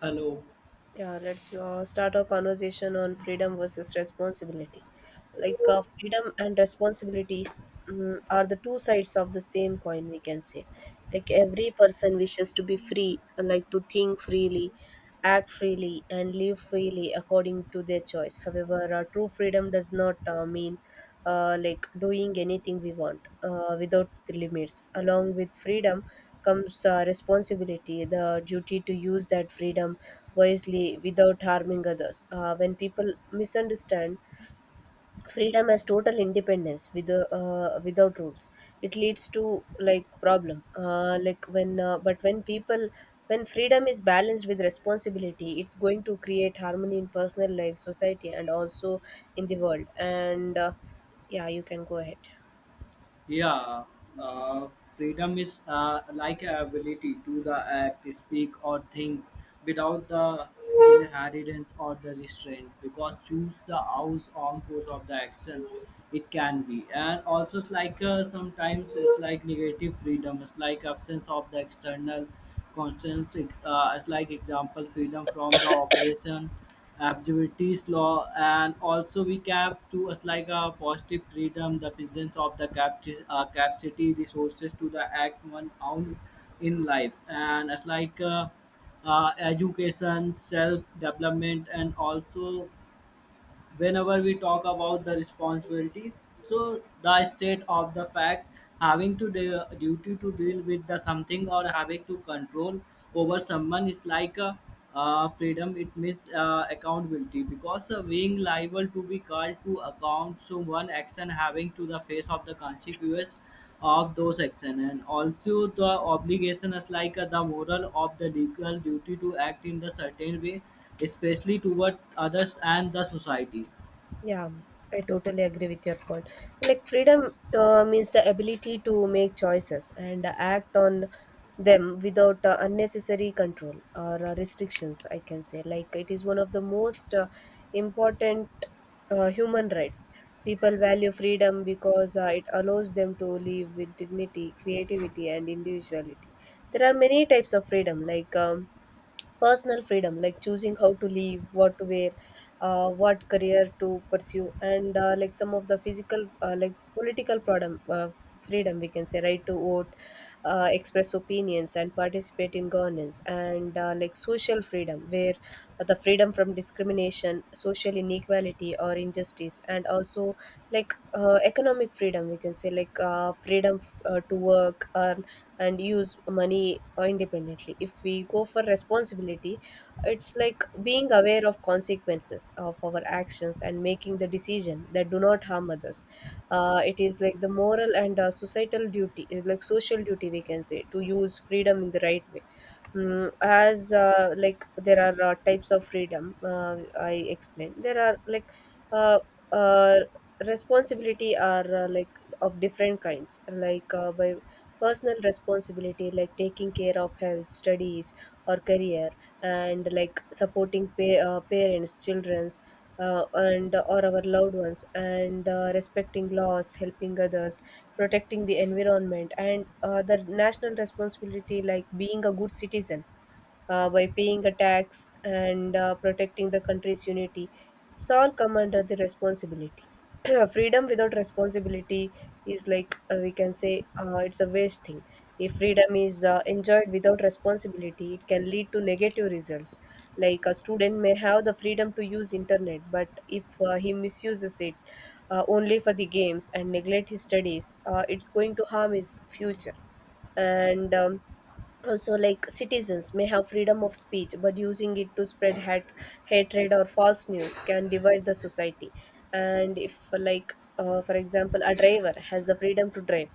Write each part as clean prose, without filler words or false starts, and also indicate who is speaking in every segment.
Speaker 1: Hello.
Speaker 2: Yeah, let's start our conversation on freedom versus responsibility. Freedom and responsibilities are the two sides of the same coin, we can say. Like, every person wishes to be free, like to think freely, act freely, and live freely according to their choice. However, true freedom does not mean like doing anything we want without the limits. Along with freedom, comes responsibility, the duty to use that freedom wisely without harming others. When people misunderstand freedom as total independence without rules, it leads to like problem. But when freedom is balanced with responsibility, it's going to create harmony in personal life, society, and also in the world. And Yeah, you can go ahead.
Speaker 1: Yeah. Freedom is like a ability to the act, speak, or think without the inheritance or the restraint. Because choose the house on course of the action, it can be. And also, it's like sometimes it's like negative freedom. It's like absence of the external Constants as like example freedom from the operation activities law, and also we cap to as like a positive freedom the presence of the capacity capacity resources to the act one own in life and as like education self development. And also whenever we talk about the responsibilities, so the state of the fact having to duty to deal with the something or having to control over someone is like a freedom. It means accountability because being liable to be called to account so one action having to the face of the consequence of those actions, and also the obligation is like the moral of the legal duty to act in the certain way, especially toward others and the society.
Speaker 2: Yeah, I totally agree with your point. Like freedom means the ability to make choices and act on them without unnecessary control or restrictions, I can say. Like it is one of the most important human rights. People value freedom because it allows them to live with dignity, creativity, and individuality. There are many types of freedom, like personal freedom like choosing how to live, what to wear, what career to pursue, and like some of the physical, like political problem, freedom we can say, right to vote, express opinions, and participate in governance, and like social freedom, where the freedom from discrimination, social inequality, or injustice, and also like economic freedom, we can say, like freedom to work or and use money independently. If we go for responsibility, it's like being aware of consequences of our actions and making the decision that do not harm others. It is like the moral and societal duty, is like social duty we can say, to use freedom in the right way. As like there are types of freedom I explained, there are like uh, uh, responsibility are like of different kinds, like by personal responsibility, like taking care of health, studies, or career, and like supporting parents, children's, and or our loved ones, and respecting laws, helping others, protecting the environment, and the national responsibility, like being a good citizen by paying a tax, and protecting the country's unity. It's all come under the responsibility. Freedom without responsibility is like we can say it's a waste thing. If freedom is enjoyed without responsibility, it can lead to negative results. Like a student may have the freedom to use internet, but if he misuses it only for the games and neglect his studies, it's going to harm his future, and also like citizens may have freedom of speech, but using it to spread hatred or false news can divide the society. And if for example, a driver has the freedom to drive,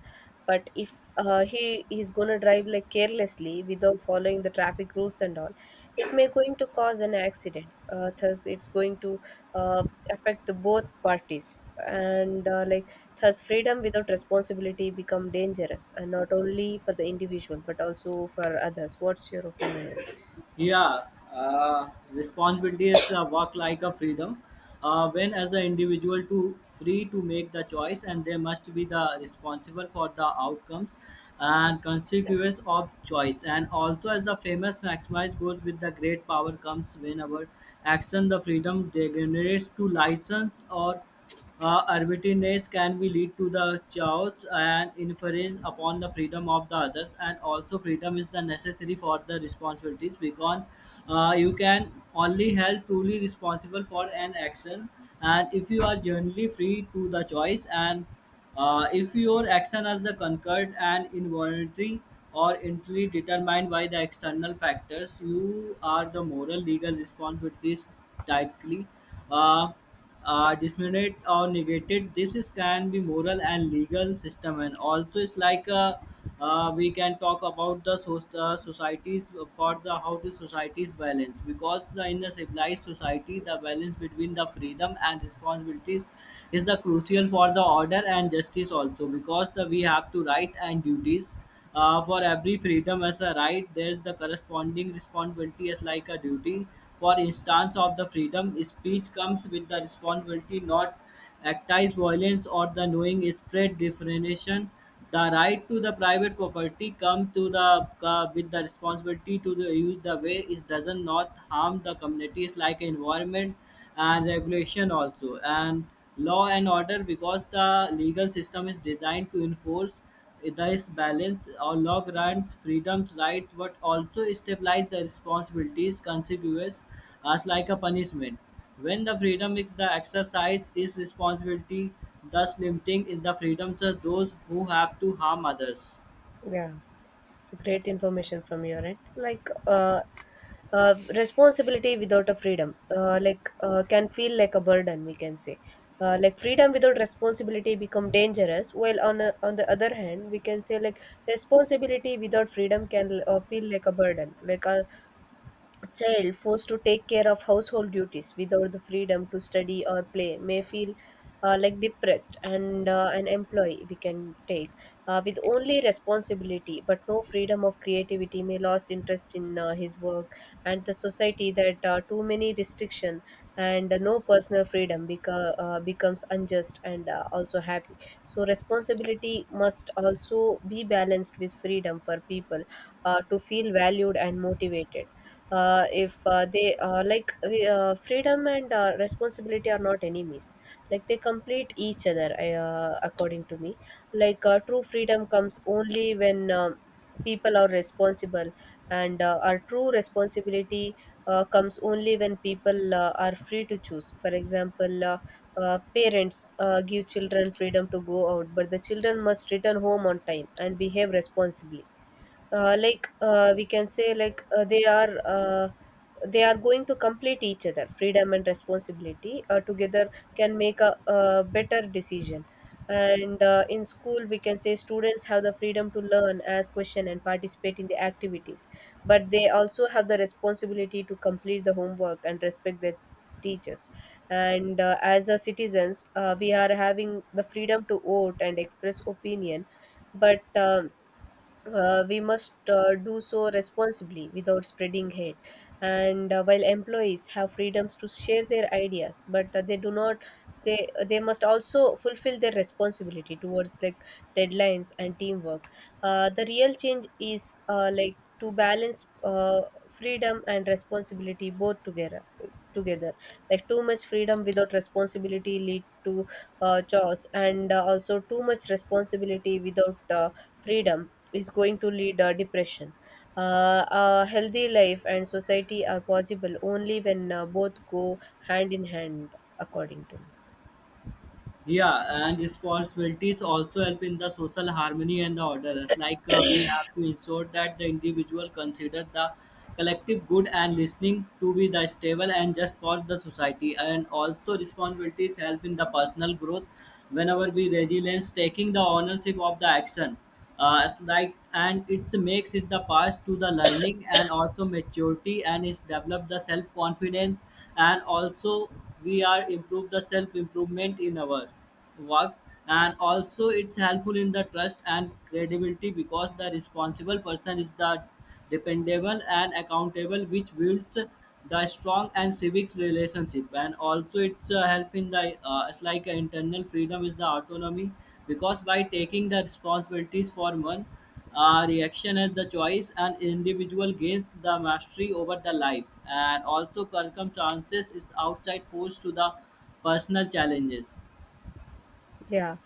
Speaker 2: but if he is going to drive like carelessly without following the traffic rules and all, it may going to cause an accident. Thus it's going to uh, affect the both parties, and like thus freedom without responsibility become dangerous, and not only for the individual but also for others. What's your opinion on this?
Speaker 1: Yeah, responsibility is work like a freedom. When as the individual to free to make the choice, and they must be the responsible for the outcomes and consequences of choice, and also as the famous maximize goes with the great power comes whenever action the freedom degenerates to license or arbitrariness, can be lead to the chaos and inference upon the freedom of the others. And also freedom is the necessary for the responsibilities because you can only held truly responsible for an action, and if you are generally free to the choice, and if your action is the concurred and involuntary or entirely determined by the external factors, you are the moral legal responsibilities tightly uh, disseminated or negated. This is, can be moral and legal system. And also it's like we can talk about the societies for the how to societies balance because the in the civilized society the balance between the freedom and responsibilities is the crucial for the order and justice also, because the we have to right and duties. For every freedom as a right, there is the corresponding responsibility as like a duty. For instance, of the freedom speech comes with the responsibility not actize violence or the knowing spread definition. The right to the private property come to the with the responsibility to the use the way it doesn't not harm the communities like environment and regulation also, and law and order because the legal system is designed to enforce. Thus, balance or allow grants freedoms, rights, but also stabilize the responsibilities consequences as like a punishment. When the freedom is the exercise is responsibility, thus limiting in the freedoms of those who have to harm others.
Speaker 2: Yeah, it's a great information from your end. Like, responsibility without a freedom, can feel like a burden, we can say. Like freedom without responsibility become dangerous, while on a, on the other hand, we can say like responsibility without freedom can feel like a burden. A child forced to take care of household duties without the freedom to study or play may feel like depressed, and an employee we can take with only responsibility but no freedom of creativity may lose interest in his work. And the society that too many restriction and no personal freedom becomes unjust and also happy. So responsibility must also be balanced with freedom for people to feel valued and motivated. If they like we, Freedom and responsibility are not enemies, like they complete each other, according to me. True freedom comes only when people are responsible, and our true responsibility comes only when people are free to choose. For example, parents give children freedom to go out, but the children must return home on time and behave responsibly. Uh, like we can say like they are They are going to complete each other. Freedom and responsibility together can make a better decision. And in school, we can say, students have the freedom to learn, ask question, and participate in the activities, but they also have the responsibility to complete the homework and respect their teachers. And as a citizens, we are having the freedom to vote and express opinion, but we must do so responsibly without spreading hate. And while employees have freedoms to share their ideas, but they do not. They must also fulfill their responsibility towards the deadlines and teamwork. The real change is like to balance freedom and responsibility both together. Together, like too much freedom without responsibility lead to chaos, and also too much responsibility without freedom is going to lead depression. A healthy life and society are possible only when both go hand in hand, according to me.
Speaker 1: Yeah, and responsibilities also help in the social harmony and the orderers. Like we have to ensure that the individual consider the collective good and listening to be the stable and just for the society. And also responsibilities help in the personal growth whenever we resilience taking the ownership of the action, it's like, and it makes it the past to the learning and also maturity, and it's developed the self confidence. And also we are improve the self improvement in our work. And also it's helpful in the trust and credibility because the responsible person is the dependable and accountable, which builds the strong and civic relationship. And also, it's help in the it's like internal freedom is the autonomy because by taking the responsibilities for one reaction as the choice, an individual gains the mastery over the life, and also circumstances is outside force to the personal challenges.
Speaker 2: Yeah,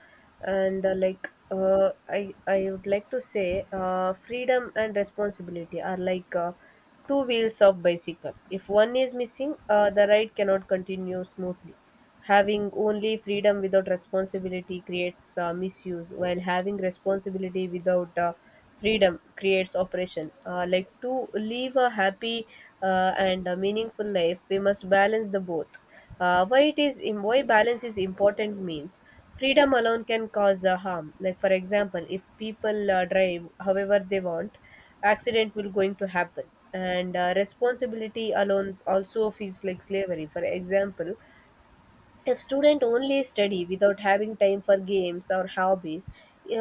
Speaker 2: and I would like to say, freedom and responsibility are like two wheels of bicycle. If one is missing, the ride cannot continue smoothly. Having only freedom without responsibility creates misuse, while having responsibility without freedom creates oppression. Like to live a happy and a meaningful life, we must balance the both. Why balance is important means freedom alone can cause harm. Like for example, if people drive however they want, accident will going to happen. And responsibility alone also feels like slavery. For example, if student only study without having time for games or hobbies,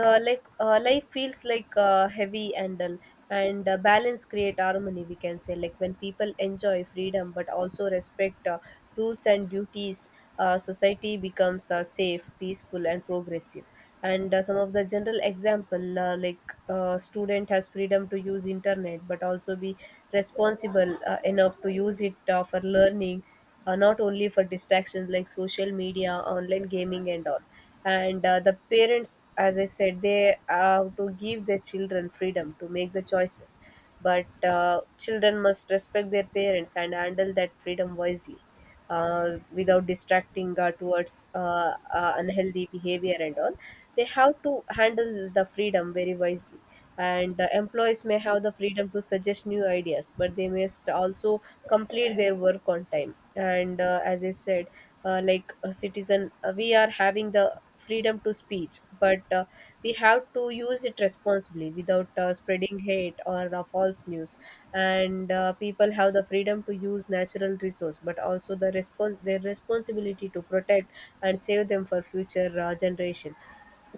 Speaker 2: life feels like heavy and dull. And balance create harmony, we can say, like when people enjoy freedom but also respect rules and duties, society becomes safe, peaceful, and progressive. And some of the general example, like student has freedom to use internet but also be responsible enough to use it for learning, not only for distractions like social media, online gaming, and all. And the parents, as I said, they have to give their children freedom to make the choices, but children must respect their parents and handle that freedom wisely, without distracting towards unhealthy behavior and all. They have to handle the freedom very wisely. And employees may have the freedom to suggest new ideas, but they must also complete their work on time. And as I said, like a citizen, we are having the freedom to speech, but we have to use it responsibly without spreading hate or false news. And people have the freedom to use natural resource, but also the response their responsibility to protect and save them for future generation.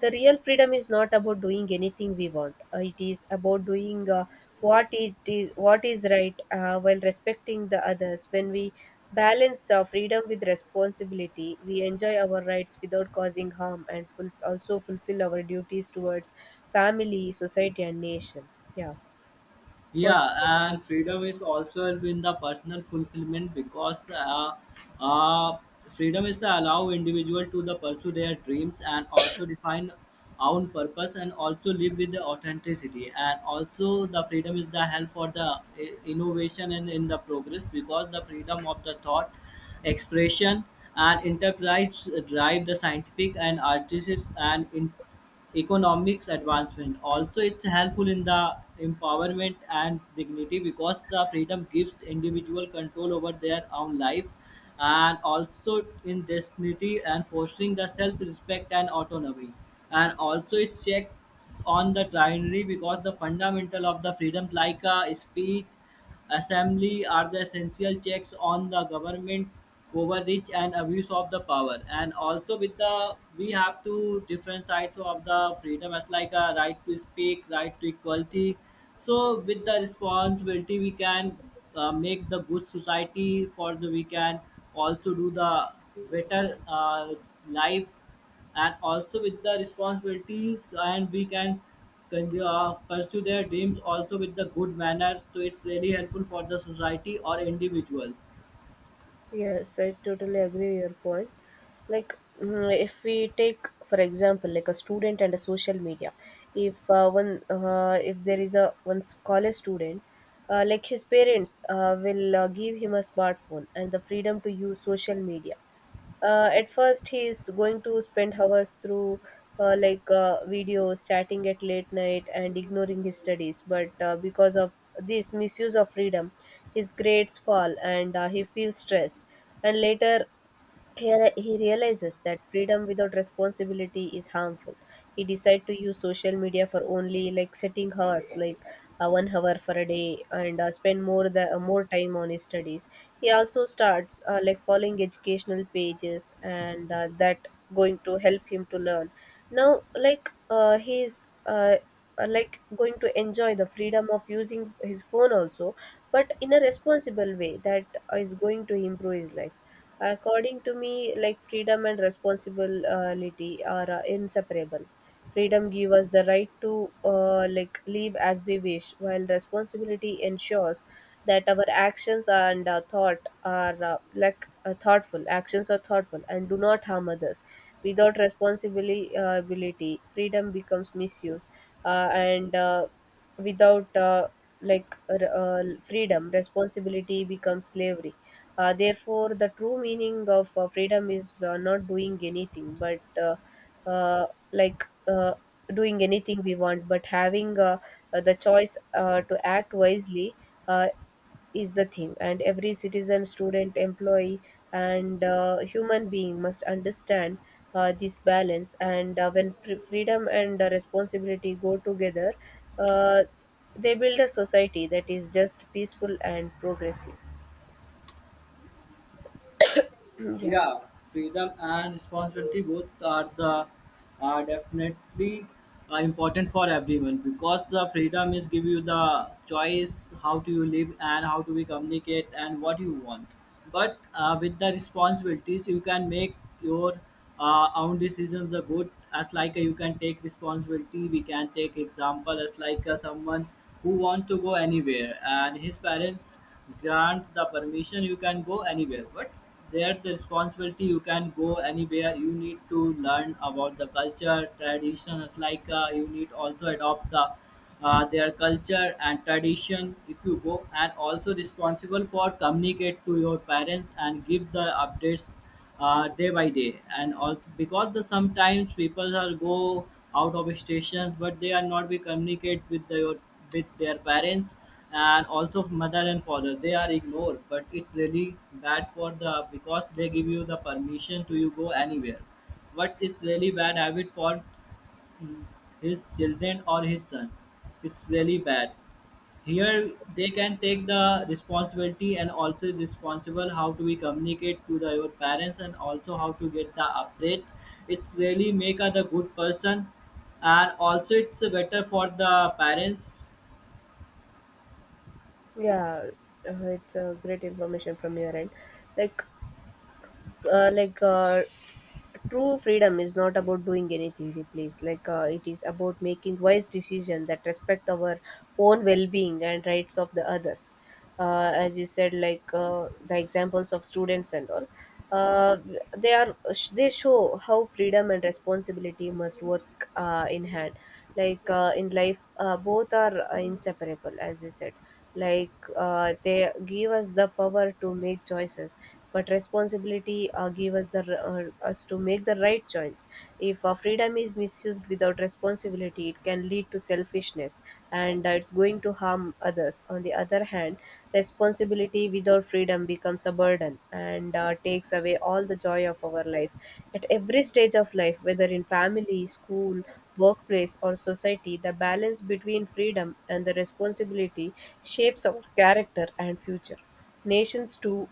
Speaker 2: The real freedom is not about doing anything we want. It is about doing what is right, while respecting the others. When we balance freedom with responsibility, we enjoy our rights without causing harm and also fulfill our duties towards family, society, and nation. Yeah. What's...
Speaker 1: Yeah, and freedom is also in the personal fulfillment because uh, freedom is to allow individual to the pursue their dreams, and also define own purpose, and also live with the authenticity. And also the freedom is the help for the innovation and in the progress because the freedom of the thought expression and enterprise drive the scientific and artistic and in economics advancement. Also, it's helpful in the empowerment and dignity because the freedom gives individual control over their own life, and also in destiny and fostering the self-respect and autonomy. And also, it checks on the tyranny because the fundamental of the freedom like speech Assembly are the essential checks on the government overreach and abuse of the power. And also with the we have two different sides of the freedom as like a right to speak, right to equality. So with the responsibility we can make the good society for the we can also do the better life, and also with the responsibilities, and we can pursue their dreams also with the good manner, so it's really helpful for the society or individual.
Speaker 2: Yes, I totally agree your point. Like, if we take, for example, like a student and a social media, if there is a one college student, like his parents will give him a smartphone and the freedom to use social media, at first he is going to spend hours through videos, chatting at late night and ignoring his studies. But because of this misuse of freedom, his grades fall and he feels stressed, and later here he realizes that freedom without responsibility is harmful. He decides to use social media for only like setting hours, like 1 hour for a day, and spend more time on his studies. He also starts like following educational pages, and that going to help him to learn. Now, like he's going to enjoy the freedom of using his phone also, but in a responsible way that is going to improve his life. According to me, like freedom and responsibility are inseparable. Freedom gives us the right to like live as we wish, while responsibility ensures that our actions and thoughtful. Actions are thoughtful and do not harm others. Without responsibility, freedom becomes misuse, and without freedom responsibility becomes slavery. Therefore the true meaning of freedom is not doing anything but uh, like doing anything we want but having the choice to act wisely uh, is the thing. And every citizen, student, employee, and human being must understand this balance. And when freedom and responsibility go together, uh, they build a society that is just, peaceful, and progressive. Yeah.
Speaker 1: Yeah, freedom and responsibility both are the are definitely important for everyone because the freedom is give you the choice how to you live and how to we communicate and what you want. But with the responsibilities, you can make your own decisions are good, as like you can take responsibility. We can take example as like someone who want to go anywhere and his parents grant the permission, you can go anywhere, but there the responsibility, you can go anywhere you need to learn about the culture traditions, like you need also adopt the their culture and tradition if you go, and also responsible for communicate to your parents and give the updates day by day. And also because the sometimes people are go out of stations but they are not be communicate your with their parents, and also mother and father they are ignored, but it's really bad for the because they give you the permission to you go anywhere, but it's really bad habit for mm, his children or his son. It's really bad. Here they can take the responsibility, and also is responsible how to we communicate to the your parents, and also how to get the update. It's really make a the good person, and also it's better for the parents.
Speaker 2: Yeah, it's a great information from your end. Like uh, like uh, true freedom is not about doing anything replace, it is about making wise decisions that respect our own well-being and rights of the others. As you said, like the examples of students and all, uh, they are they show how freedom and responsibility must work in hand. In life, both are inseparable, as you said. They give us the power to make choices, but responsibility give us the r- us to make the right choice. If freedom is misused without responsibility, it can lead to selfishness, and it's going to harm others. On the other hand, responsibility without freedom becomes a burden and takes away all the joy of our life. At every stage of life, whether in family, school, workplace, or society, the balance between freedom and the responsibility shapes our character and future. Nations, too,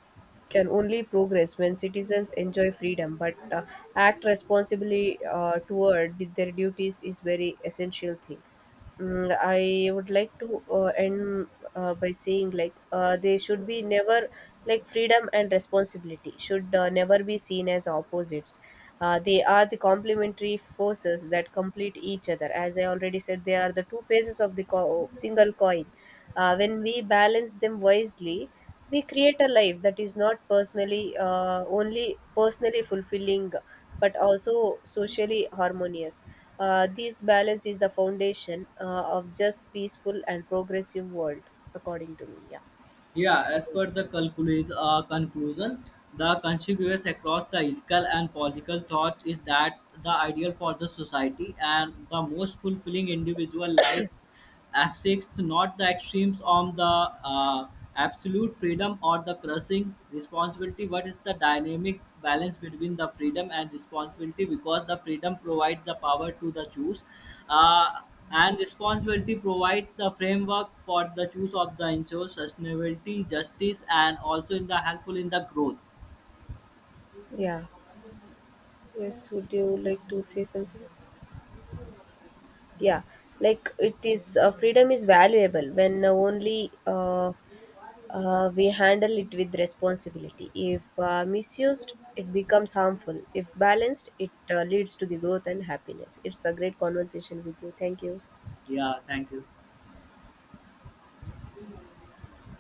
Speaker 2: can only progress when citizens enjoy freedom, but act responsibly toward their duties is very essential thing. I would like to end by saying, like freedom and responsibility should never be seen as opposites. They are the complementary forces that complete each other. As I already said, they are the two faces of the single coin. When we balance them wisely, we create a life that is not personally only personally fulfilling but also socially harmonious. This balance is the foundation of just, peaceful, and progressive world, according to me. Yeah. You
Speaker 1: Yeah, as
Speaker 2: can...
Speaker 1: per the conclusion, the conspicuous across the ethical and political thought is that the ideal for the society and the most fulfilling individual life accepts not the extremes on the absolute freedom or the crushing responsibility, but is the dynamic balance between the freedom and responsibility because the freedom provides the power to the choose. Uh, and responsibility provides the framework for the choice of the ensure sustainability justice, and also in the helpful in the growth.
Speaker 2: Yeah. Yes, would you like to say something? Yeah, like it is, freedom is valuable when only we handle it with responsibility. If misused, it becomes harmful. If balanced, it leads to the growth and happiness. It's a great conversation with you. Thank you.
Speaker 1: Yeah, thank you.